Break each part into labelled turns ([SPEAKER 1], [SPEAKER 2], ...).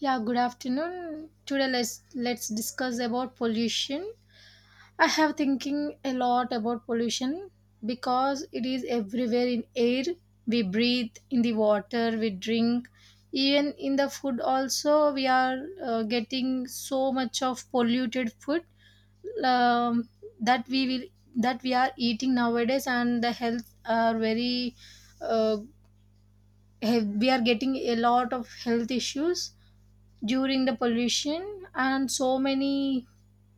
[SPEAKER 1] Yeah, good afternoon. Today let's discuss about pollution. I have thinking a lot about pollution because it is everywhere in air we breathe, in the water we drink, even in the food also we are getting so much of polluted food um, that we will that we are eating nowadays and the health are very uh, we are getting a lot of health issues during the pollution and so many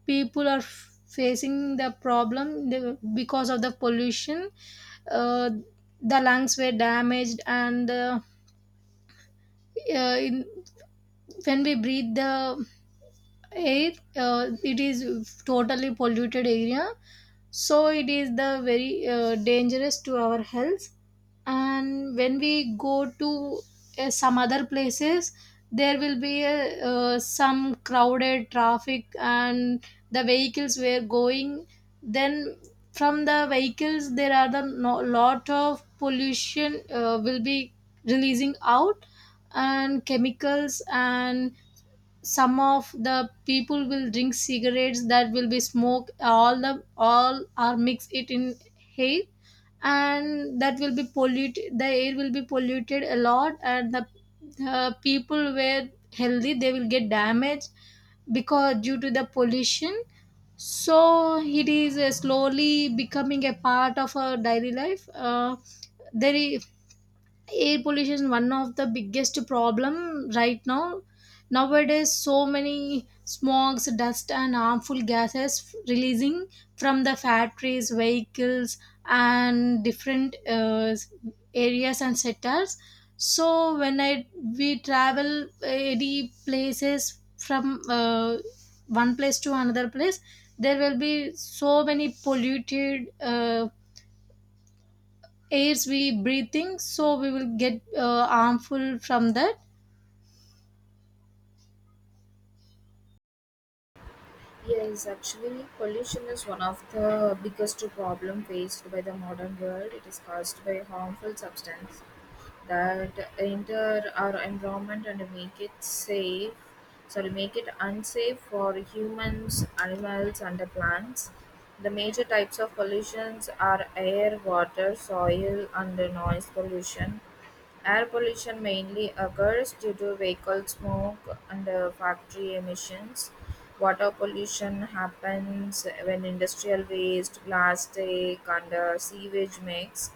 [SPEAKER 1] people are facing the problem because of the pollution. uh, the lungs were damaged and uh, in, when we breathe the air, it is totally polluted area, so it is the very dangerous to our health. And when we go to some other places, there will be some crowded traffic and the vehicles were going, then from the vehicles there are the no, lot of pollution will be releasing out, and chemicals, and some of the people will drink cigarettes that will be smoke, all the all are mix it in air, and that will be polluted, the air will be polluted a lot, and the people were healthy, they will get damaged because due to the pollution. So it is slowly becoming a part of our daily life. There is, Air pollution is one of the biggest problem right now. Nowadays so many smogs, dust and harmful gases releasing from the factories, vehicles and different areas and sectors. So when I we travel any places from one place to another place, there will be so many polluted airs we breathing, so we will get harmful from that.
[SPEAKER 2] Yes, actually, pollution is one of the biggest problem faced by the modern world. It is caused by harmful substance that enter our environment and make it safe, sorry, make it unsafe for humans, animals, and the plants. The major types of pollutions are air, water, soil, and the noise pollution. Air pollution mainly occurs due to vehicle smoke and factory emissions. Water pollution happens when industrial waste, plastic, and sewage mix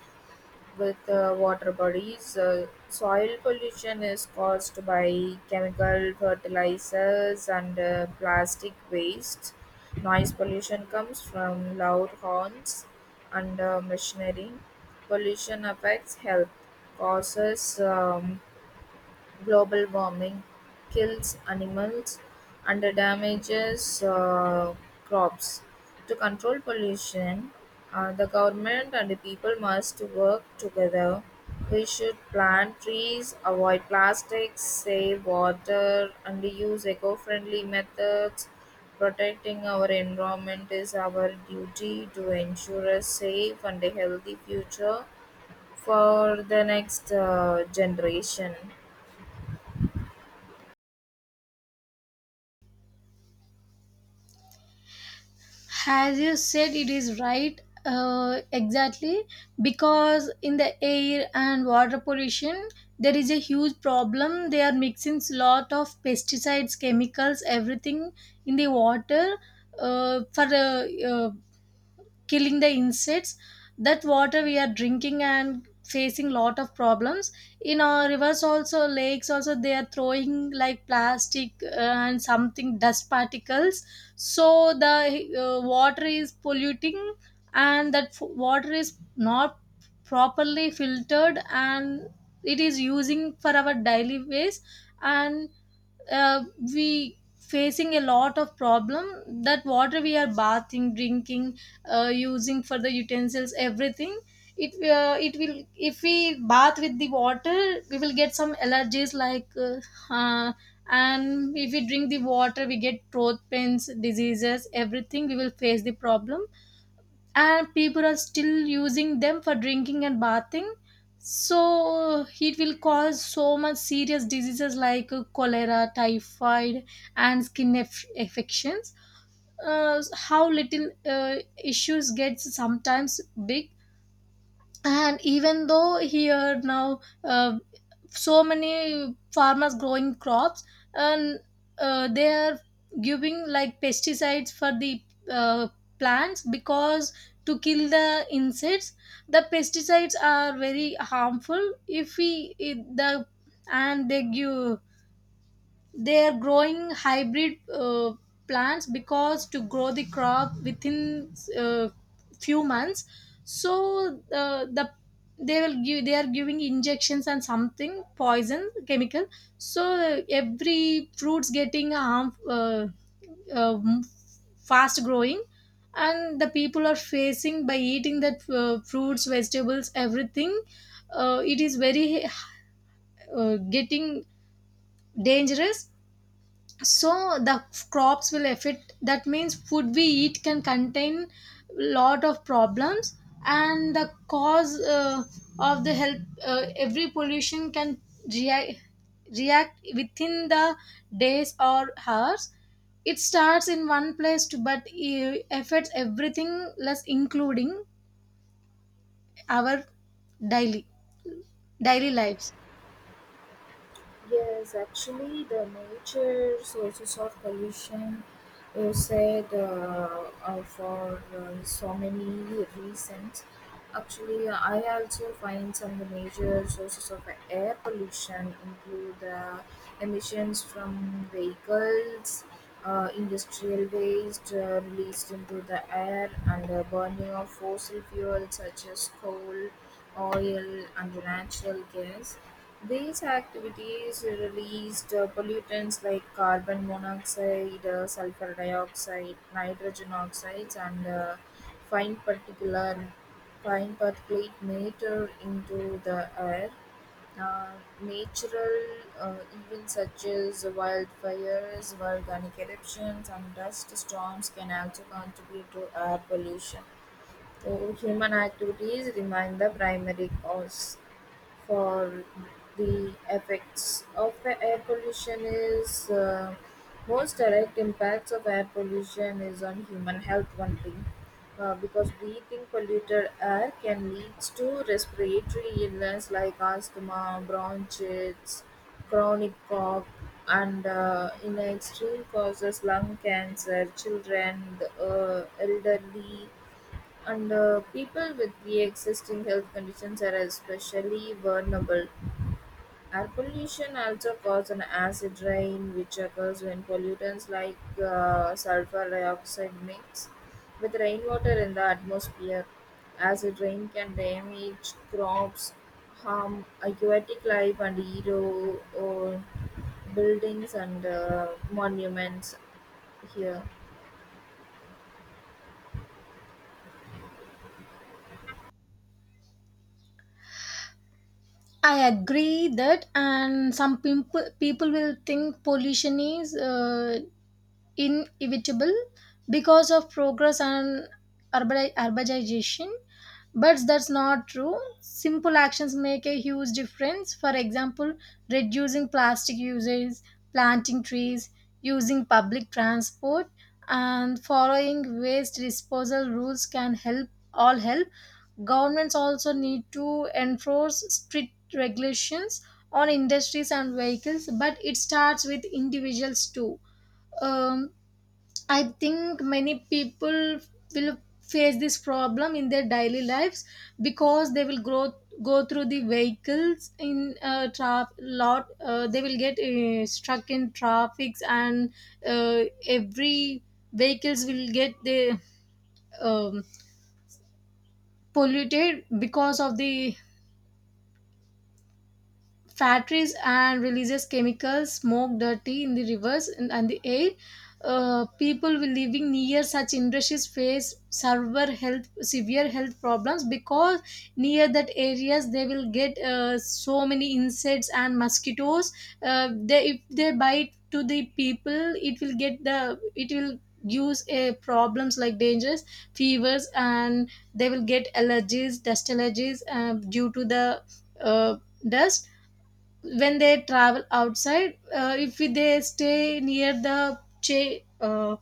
[SPEAKER 2] with water bodies. Soil pollution is caused by chemical fertilizers and plastic waste. Noise pollution comes from loud horns and machinery. Pollution affects health, causes global warming, kills animals, and damages crops. To control pollution, the government and the people must work together. We should plant trees, avoid plastics, save water, and use eco friendly methods. Protecting our environment is our duty to ensure a safe and a healthy future for the next generation.
[SPEAKER 1] As you said, it is right, exactly, because in the air and water pollution, there is a huge problem. They are mixing lot of pesticides, chemicals, everything in the water for killing the insects. That water we are drinking and facing lot of problems. In our rivers also, lakes also, they are throwing like plastic and something dust particles, so the water is polluting, and that water is not properly filtered, and it is using for our daily ways. And uh, we facing a lot of problem. That water we are bathing, drinking, using for the utensils, everything. It it will, if we bath with the water, we will get some allergies like uh, and if we drink the water, we get throat pains, diseases, everything. We will face the problem, and people are still using them for drinking and bathing, so it will cause so much serious diseases like cholera, typhoid and skin affections. How little issues gets sometimes big. And even though here now, so many farmers growing crops, and they are giving like pesticides for the uh, plants because to kill the insects. The pesticides are very harmful if we it, the, and they give, they are growing hybrid plants because to grow the crop within few months. So they will give, they are giving injections and something poison chemical. So every fruits getting harm, um, fast growing, and the people are facing by eating that fruits, vegetables, everything. It is very getting dangerous. So the crops will affect, that means food we eat can contain lot of problems and the cause of the health. Every pollution can react, within the days or hours. It starts in one place to, but it affects everything less, including our daily lives.
[SPEAKER 2] Yes, actually, the nature sources of pollution you said for so many reasons. Actually, I also find some of the major sources of air pollution include emissions from vehicles, industrial waste released into the air, and the burning of fossil fuels such as coal oil, and natural gas. These activities released pollutants like carbon monoxide, sulfur dioxide, nitrogen oxides, and fine particular fine particulate matter into the air. Uh, natural uh, events such as wildfires, volcanic eruptions, and dust storms can also contribute to air pollution. So, human activities remain the primary cause for the effects of the air pollution is most direct impacts of air pollution is on human health only because breathing polluted air can lead to respiratory illness like asthma, bronchitis, chronic cough, and in extreme causes lung cancer, children, the elderly and people with the existing health conditions are especially vulnerable. Air pollution also causes an acid rain, which occurs when pollutants like sulfur dioxide mix with rainwater in the atmosphere. Acid rain can damage crops, harm aquatic life, and erode buildings and monuments here.
[SPEAKER 1] I agree that, and some people will think pollution is inevitable because of progress and urbanization, but that's not true. Simple actions make a huge difference. For example, reducing plastic usage, planting trees, using public transport and following waste disposal rules can help, all help. Governments also need to enforce strict regulations on industries and vehicles, but it starts with individuals too. um, I think many people will face this problem in their daily lives because they will grow, go through the vehicles in traffic lot. They will get stuck in traffics, and every vehicles will get the um, polluted because of the factories, and releases chemicals, smoke, dirty in the rivers and the air. People living near such industries face severe health problems because near that areas, they will get so many insects and mosquitoes. They if they bite to the people, it will get the, it will use problems like dangers, fevers, and they will get allergies, dust allergies due to the uh, dust when they travel outside. If they stay near the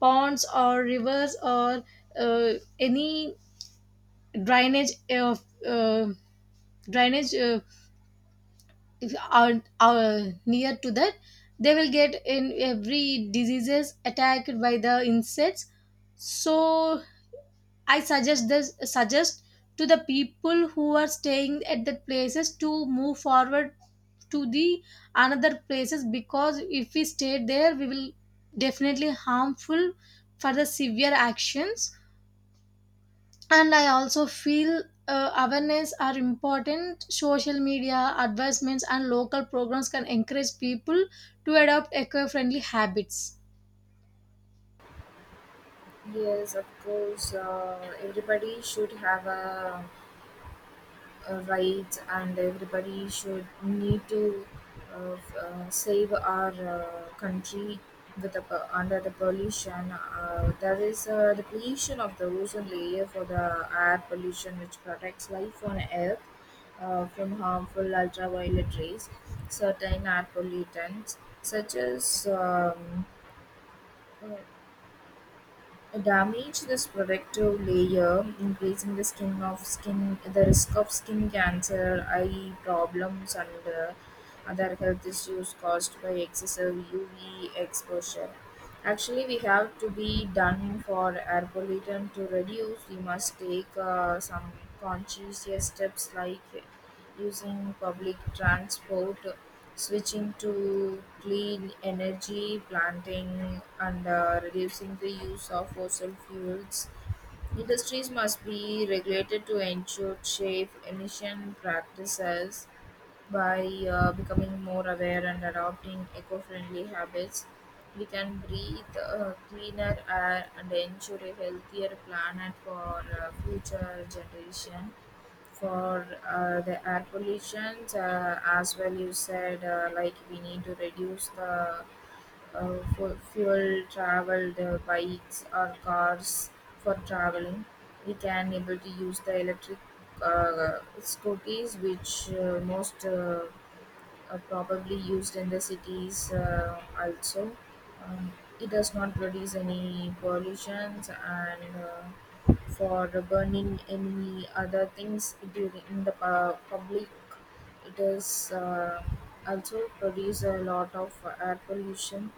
[SPEAKER 1] ponds or rivers or uh, any drainage of drainage, if are, are near to that, they will get in every diseases attacked by the insects. So I suggest to the people who are staying at that places to move forward to the another places, because if we stay there, we will definitely harmful for the severe actions. And I also feel awareness are important. Social media advertisements and local programs can encourage people to adopt eco-friendly habits.
[SPEAKER 2] Yes, of course. Everybody should have a right, and everybody should need to save our country with under the pollution. There is the pollution of the ozone layer for the air pollution, which protects life on Earth from harmful ultraviolet rays. Certain air pollutants, such as uh, damage this protective layer, increasing the risk of skin cancer, eye problems, and other health issues caused by excessive UV exposure. Actually, we have to be done for air pollutant to reduce. We must take some conscious steps like using public transport, switching to clean energy, planting, and reducing the use of fossil fuels. Industries must be regulated to ensure safe emission practices by becoming more aware and adopting eco-friendly habits. We can breathe cleaner air and ensure a healthier planet for future generation. For the air pollution, as well, you said like we need to reduce the fuel traveled bikes or cars for traveling. We can able to use the electric scooters, which most probably used in the cities also. Um, it does not produce any pollutions and for burning any other things during in the public. It is also produce a lot of air pollution.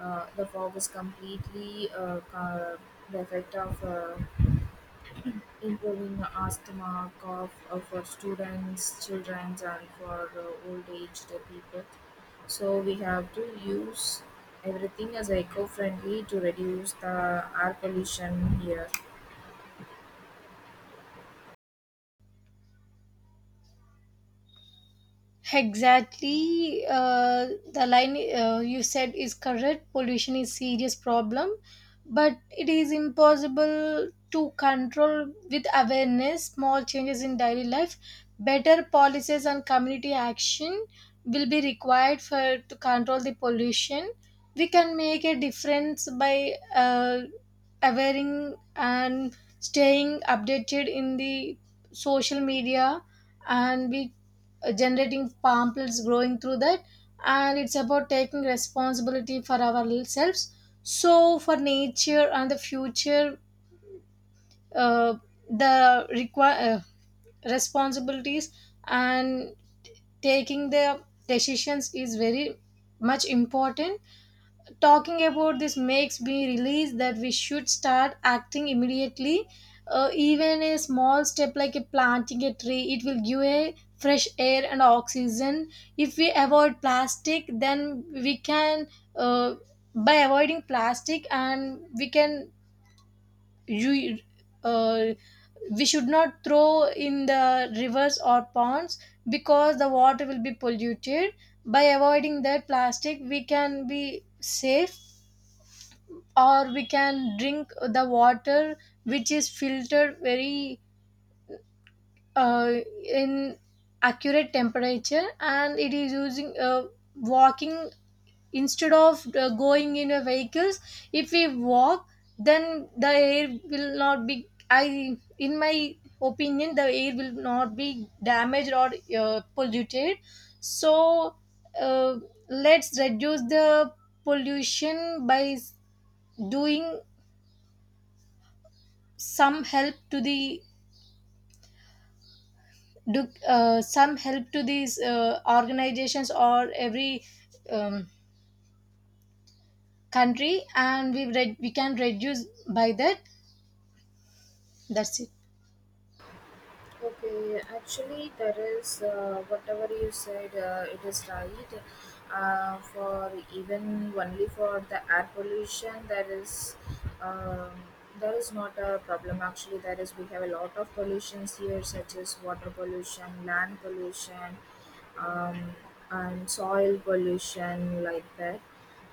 [SPEAKER 2] The fog is completely the effect of improving asthma, cough for students, children, and for old aged people. So we have to use everything as eco friendly to reduce the air pollution here.
[SPEAKER 1] Exactly, the line you said is correct. Pollution is serious problem, but it is impossible to control with awareness. Small changes in daily life, better policies and community action will be required for to control the pollution. We can make a difference by awareing and staying updated in the social media, and we generating pamphlets growing through that, and it's about taking responsibility for ourselves, so for nature and the future. uh, the require responsibilities and taking the decisions is very much important. Talking about this makes me release that we should start acting immediately. Even a small step like a planting a tree, it will give a fresh air and oxygen. If we avoid plastic, then we can uh, by avoiding plastic, and we can you uh, we should not throw in the rivers or ponds because the water will be polluted. By avoiding that plastic, we can be safe, or we can drink the water which is filtered very uh, in accurate temperature, and it is using. Walking instead of going in a vehicles, if we walk, then the air will not be i, in my opinion, the air will not be damaged or polluted. So uh, let's reduce the pollution by doing some help to the, do some help to these organizations or every um, country, and we can reduce by that. That's it.
[SPEAKER 2] Okay, actually, there is whatever you said, it is right. For even only for the air pollution, um, there is not a problem. Actually, there is we have a lot of pollutions here, such as water pollution, land pollution, um, and soil pollution, like that.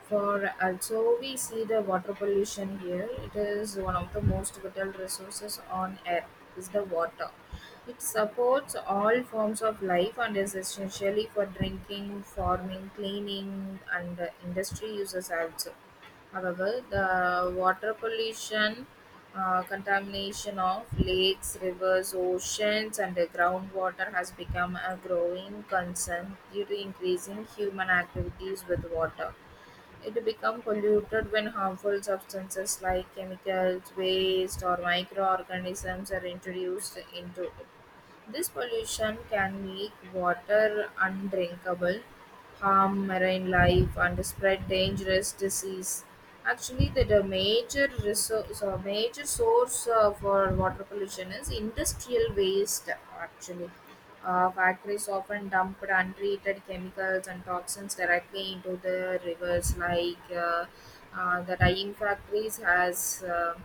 [SPEAKER 2] For also, we see the water pollution here. It is one of the most vital resources on earth. Is the water. It supports all forms of life and is essentially for drinking, farming, cleaning, and industry uses also. However, the water pollution, contamination of lakes, rivers, oceans, and the groundwater has become a growing concern due to increasing human activities with water. It becomes polluted when harmful substances like chemicals, waste, or microorganisms are introduced into it. This pollution can make water undrinkable, harm marine life, and spread dangerous disease. Actually, the major resource, major source for water pollution is industrial waste. Actually, factories often dumped untreated chemicals and toxins directly into the rivers, like the dyeing factories has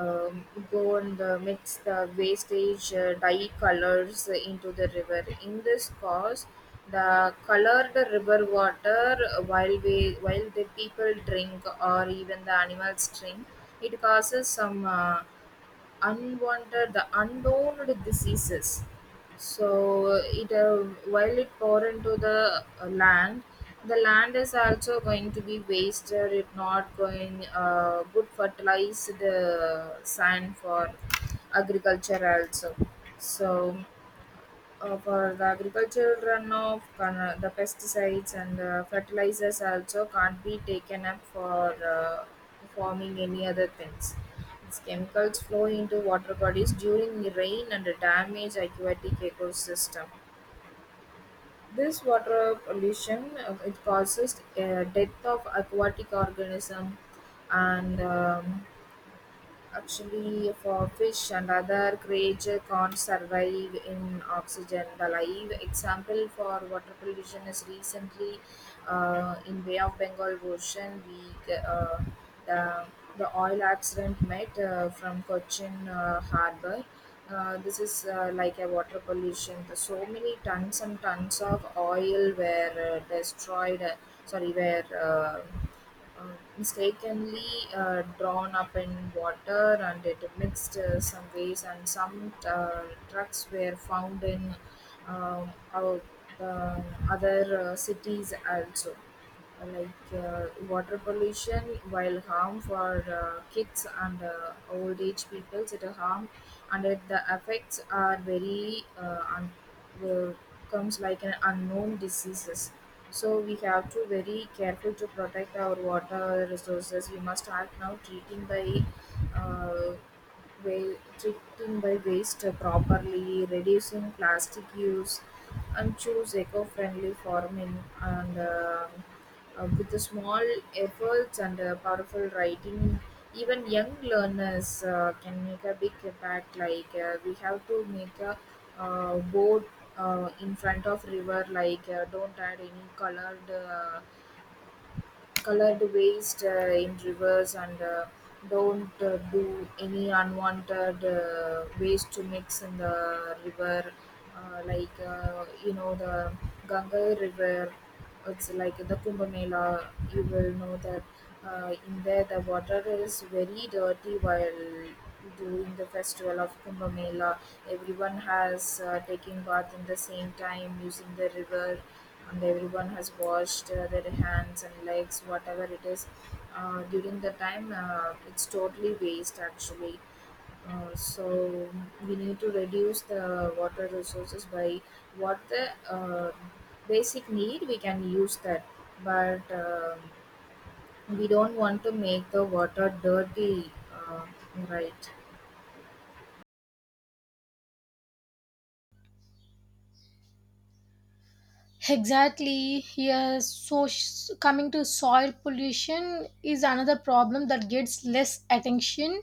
[SPEAKER 2] um, go and mix the wastage dye colors into the river. In this cause, the colored river water while the people drink or even the animals drink, it causes some. Unwanted the undowned diseases. So it while it pour into the land, the land is also going to be wasted. It not going good fertilized sand for agriculture also. So for the agricultural runoff, the pesticides and fertilizers also can't be taken up for forming any other things. These chemicals flow into water bodies during the rain and damage aquatic ecosystem. This water pollution, it causes death of aquatic organism and actually, for fish and other creatures can't survive in oxygen. The live example for water pollution is recently in Bay of Bengal Ocean. The, the oil accident met from Cochin Harbour. This is like a water pollution. The so many tons and tons of oil were destroyed. Sorry, were mistakenly drawn up in water and it mixed some ways and some trucks were found in um, our, the other cities also, like water pollution while harm for kids and old age people. It a harm and it, the effects are very will- comes like an unknown diseases. So we have to very careful to protect our water resources. We must start now treating by uh, treating by waste properly, reducing plastic use, and choose eco-friendly farming and. With the small efforts and powerful writing, even young learners can make a big impact. Like we have to make a boat in front of river. Like don't add any colored waste in rivers, and don't do any unwanted waste to mix in the river like you know the ganga river, it's like the kumbh mela, you will know that. In there, the water is very dirty while during the festival of Kumbh Mela. Everyone has taken bath in the same time using the river, and everyone has washed their hands and legs, whatever it is. During the time, it's totally waste actually. So we need to reduce the water resources by what the basic need we can use that, but we don't want to make the water dirty, right?
[SPEAKER 1] Exactly. Yes. So coming to soil pollution is another problem that gets less attention,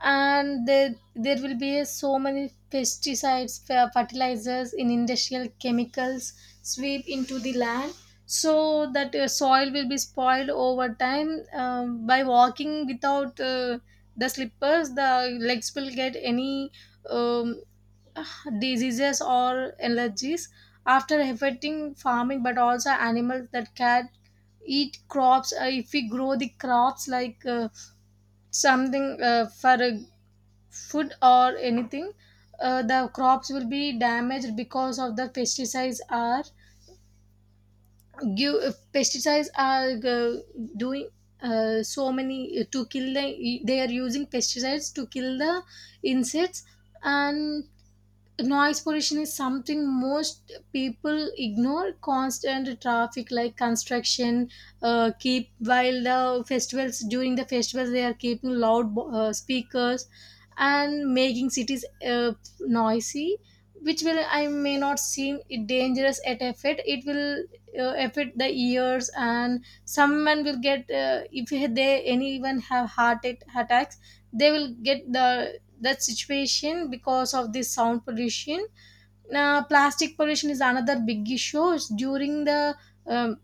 [SPEAKER 1] and there will be a so many pesticides, fertilizers, in industrial chemicals sweep into the land, so that soil will be spoiled over time. By walking without the slippers, the legs will get any. Um, diseases or allergies after affecting farming, but also animals that can eat crops. If we grow the crops like something for food or anything, the crops will be damaged because of the pesticides are give. Pesticides are doing so many to kill the they are using pesticides to kill the insects. And noise pollution is something most people ignore. Constant traffic, like construction, keep while the festivals, during the festivals they are keeping loud speakers and making cities noisy, which will I may not seem it dangerous at effect, it will affect the ears, and someone will get if they anyone have heart attacks, they will get the that situation because of this sound pollution. Plastic pollution is another big issue during the um,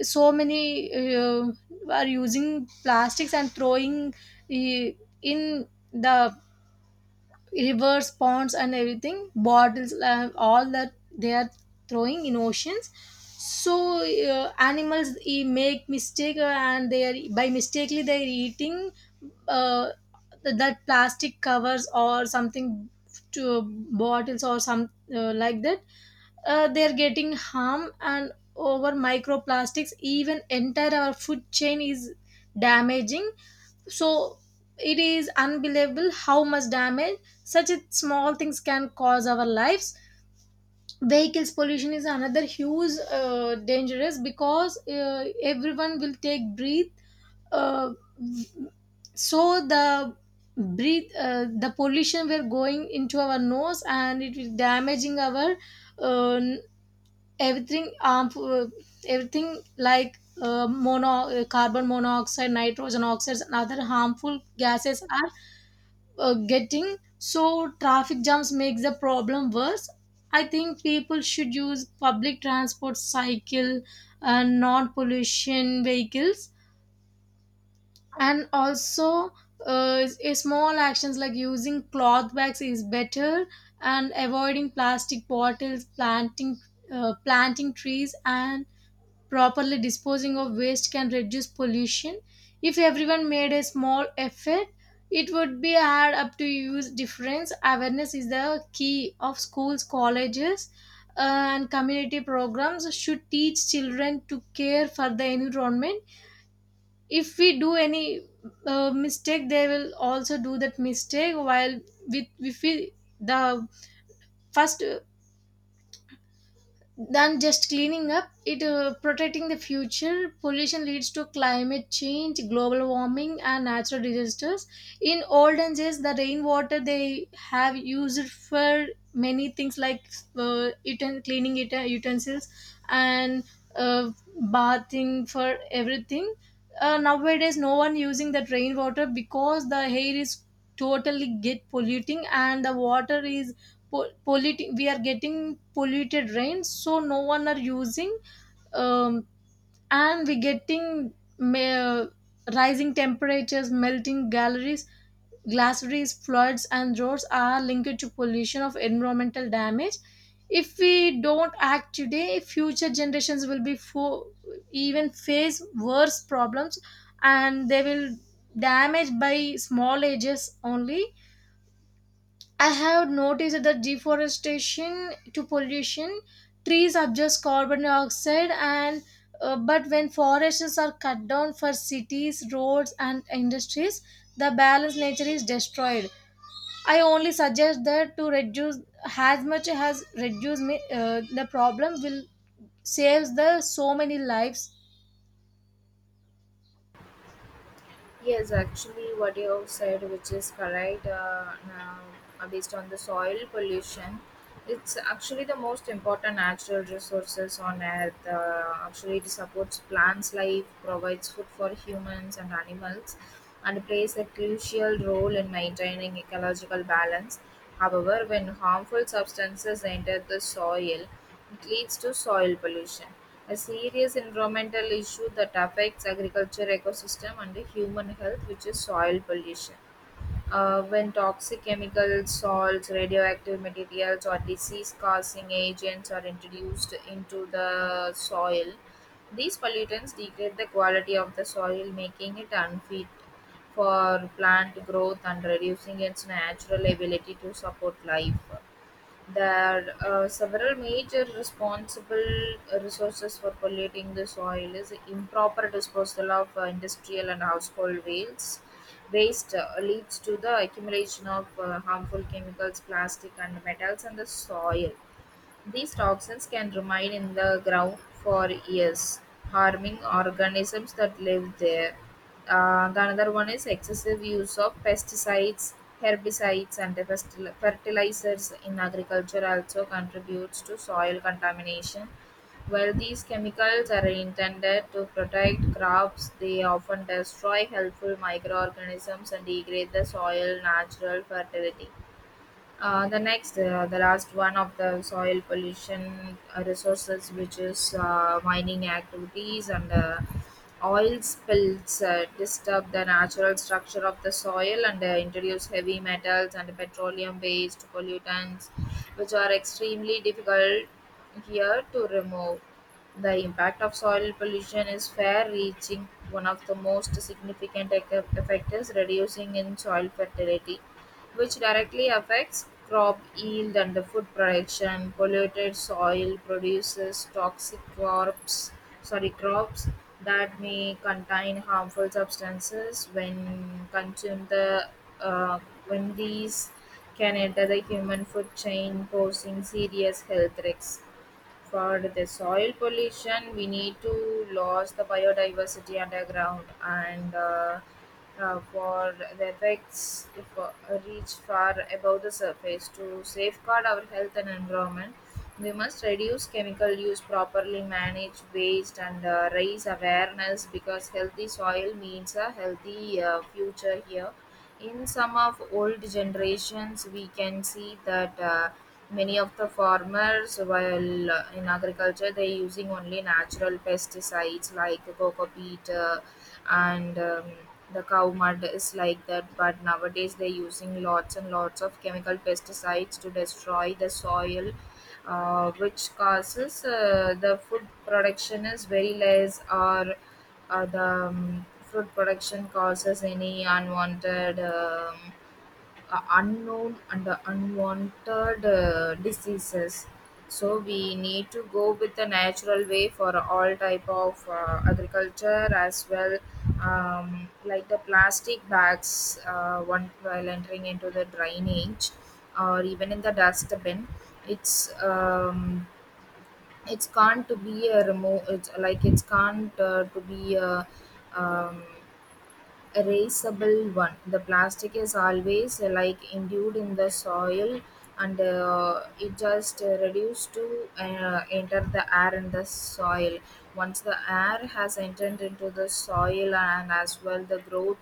[SPEAKER 1] so many are using plastics and throwing uh, in the rivers, ponds and everything, bottles, all that they are throwing in oceans. So animals make mistake, and they are by mistakenly they are eating uh, that plastic covers or something to bottles or some like that. They are getting harm, and over microplastics even entire our food chain is damaging. So it is unbelievable how much damage such a small things can cause our lives. Vehicles pollution is another huge dangerous, because everyone will take breathe, uh, so the breathe, the pollution we're going into our nose, and it will damaging our uh, everything, everything like mono carbon monoxide, nitrogen oxides and other harmful gases are getting. So traffic jams makes the problem worse. I think people should use public transport, cycle and non-pollution vehicles. And also a small actions like using cloth bags is better, and avoiding plastic bottles, planting trees, and properly disposing of waste can reduce pollution. If everyone made a small effort, it would be add up to use difference. Awareness is the key of schools, colleges, and community programs should teach children to care for the environment. If we do any mistake, they will also do that mistake. While with if we the first than just cleaning up it, protecting the future. Pollution leads to climate change, global warming and natural disasters. In olden days, the rainwater they have used for many things, like cleaning it utensils, and uh, bathing for everything. Nowadays no one using that rainwater, because the air is totally get polluting, and the water is polluting. We are getting polluted rains, so no one are using. um, and we getting ma- rising temperatures, melting galleries, glaciers, floods and droughts are linked to pollution of environmental damage. If we don't act today, future generations will be even face worse problems, and they will damage by small ages only. I have noticed that deforestation to pollution, trees absorb carbon dioxide, and but when forests are cut down for cities, roads, and industries, the balance nature is destroyed. I only suggest that to reduce as much as reduce me, the problem will saves the so many lives.
[SPEAKER 2] Yes, actually, what you have said, which is correct, now, based on the soil pollution, it's actually the most important natural resources on earth. Actually, it supports plants' life, provides food for humans and animals, and plays a crucial role in maintaining ecological balance. However, when harmful substances enter the soil, it leads to soil pollution, a serious environmental issue that affects agriculture ecosystem and human health, which is soil pollution when toxic chemicals, salts, radioactive materials, or disease causing agents are introduced into the soil. These pollutants degrade the quality of the soil, making it unfit for plant growth and reducing its natural ability to support life. There are several major responsible resources for polluting the soil is improper disposal of industrial and household waste. Waste leads to the accumulation of harmful chemicals, plastic, and metals in the soil. These toxins can remain in the ground for years, harming organisms that live there. The another one is excessive use of pesticides, herbicides, and the fertilizers in agriculture also contributes to soil contamination. While these chemicals are intended to protect crops, they often destroy helpful microorganisms and degrade the soil natural fertility. The next, the last one of the soil pollution resources, which is mining activities and oil spills, disturb the natural structure of the soil and introduce heavy metals and petroleum based pollutants, which are extremely difficult here to remove. The impact of soil pollution is fair reaching. One of the most significant effect is reducing in soil fertility, which directly affects crop yield and the food production. Polluted soil produces toxic crops, sorry, crops that may contain harmful substances when consumed. The uh, when these can enter the human food chain, posing serious health risks for the soil pollution, we need to lose the biodiversity underground, and for the effects if, reach far above the surface. To safeguard our health and environment, we must reduce chemical use, properly manage waste, and raise awareness, because healthy soil means a healthy future. Here in some of old generations, we can see that many of the farmers while in agriculture, they're using only natural pesticides like coco peat, and the cow mud is like that. But nowadays they're using lots and lots of chemical pesticides to destroy the soil, which causes the food production is very less, or the food production causes any unwanted, unknown and unwanted diseases. So we need to go with the natural way for all type of agriculture as well. Like the plastic bags, one while entering into the drainage or even in the dustbin, it's um, it's can't to be a remote. It's like it's can't to be a um, erasable one. The plastic is always like endued in the soil, and it just reduced to enter the air in the soil. Once the air has entered into the soil, and as well the growth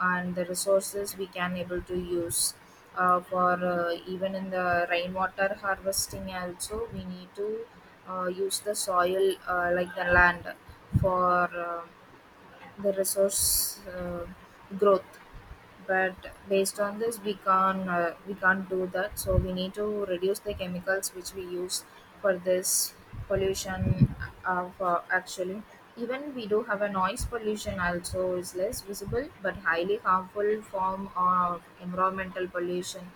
[SPEAKER 2] and the resources we can able to use, for even in the rainwater harvesting also, we need to use the soil, like the land for um the resource growth. But based on this, we can't do that, so we need to reduce the chemicals which we use for this pollution of, actually. Even we do have a noise pollution also, is less visible but highly harmful form of environmental pollution,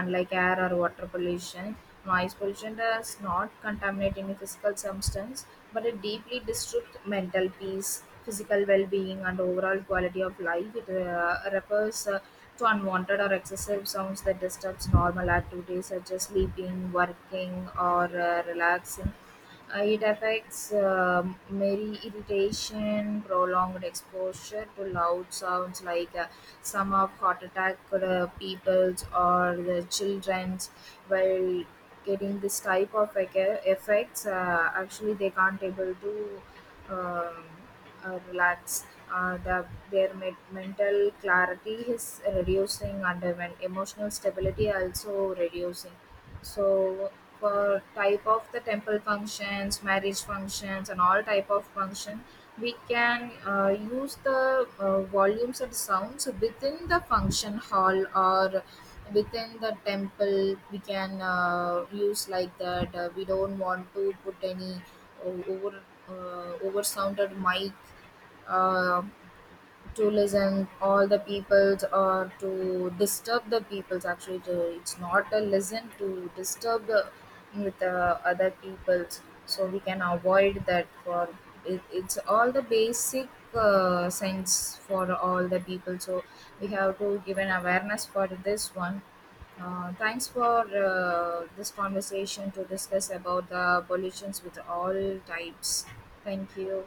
[SPEAKER 2] unlike air or water pollution. Noise pollution does not contaminate any physical substance, but it deeply disturbs mental peace, physical well being, and overall quality of life. It refers to unwanted or excessive sounds that disturbs normal activities such as sleeping, working, or relaxing. It affects merry irritation. Prolonged exposure to loud sounds like, some of heart attack people's or the children's, while getting this type of effects, actually they can't able to um, relax uh, the, their mental clarity is reducing, and even emotional stability also reducing. So for type of the temple functions, marriage functions, and all type of function, we can use the volumes and sounds within the function hall, or within the temple we can use like that. We don't want to put any over, over sounded mic uh, to listen all the peoples or to disturb the peoples, actually to, it's not a listen to disturb the with the other peoples, so we can avoid that. For it, it's all the basic sense for all the people, so we have to give an awareness for this one. Thanks for this conversation, to discuss about the pollutions with all types. Thank you.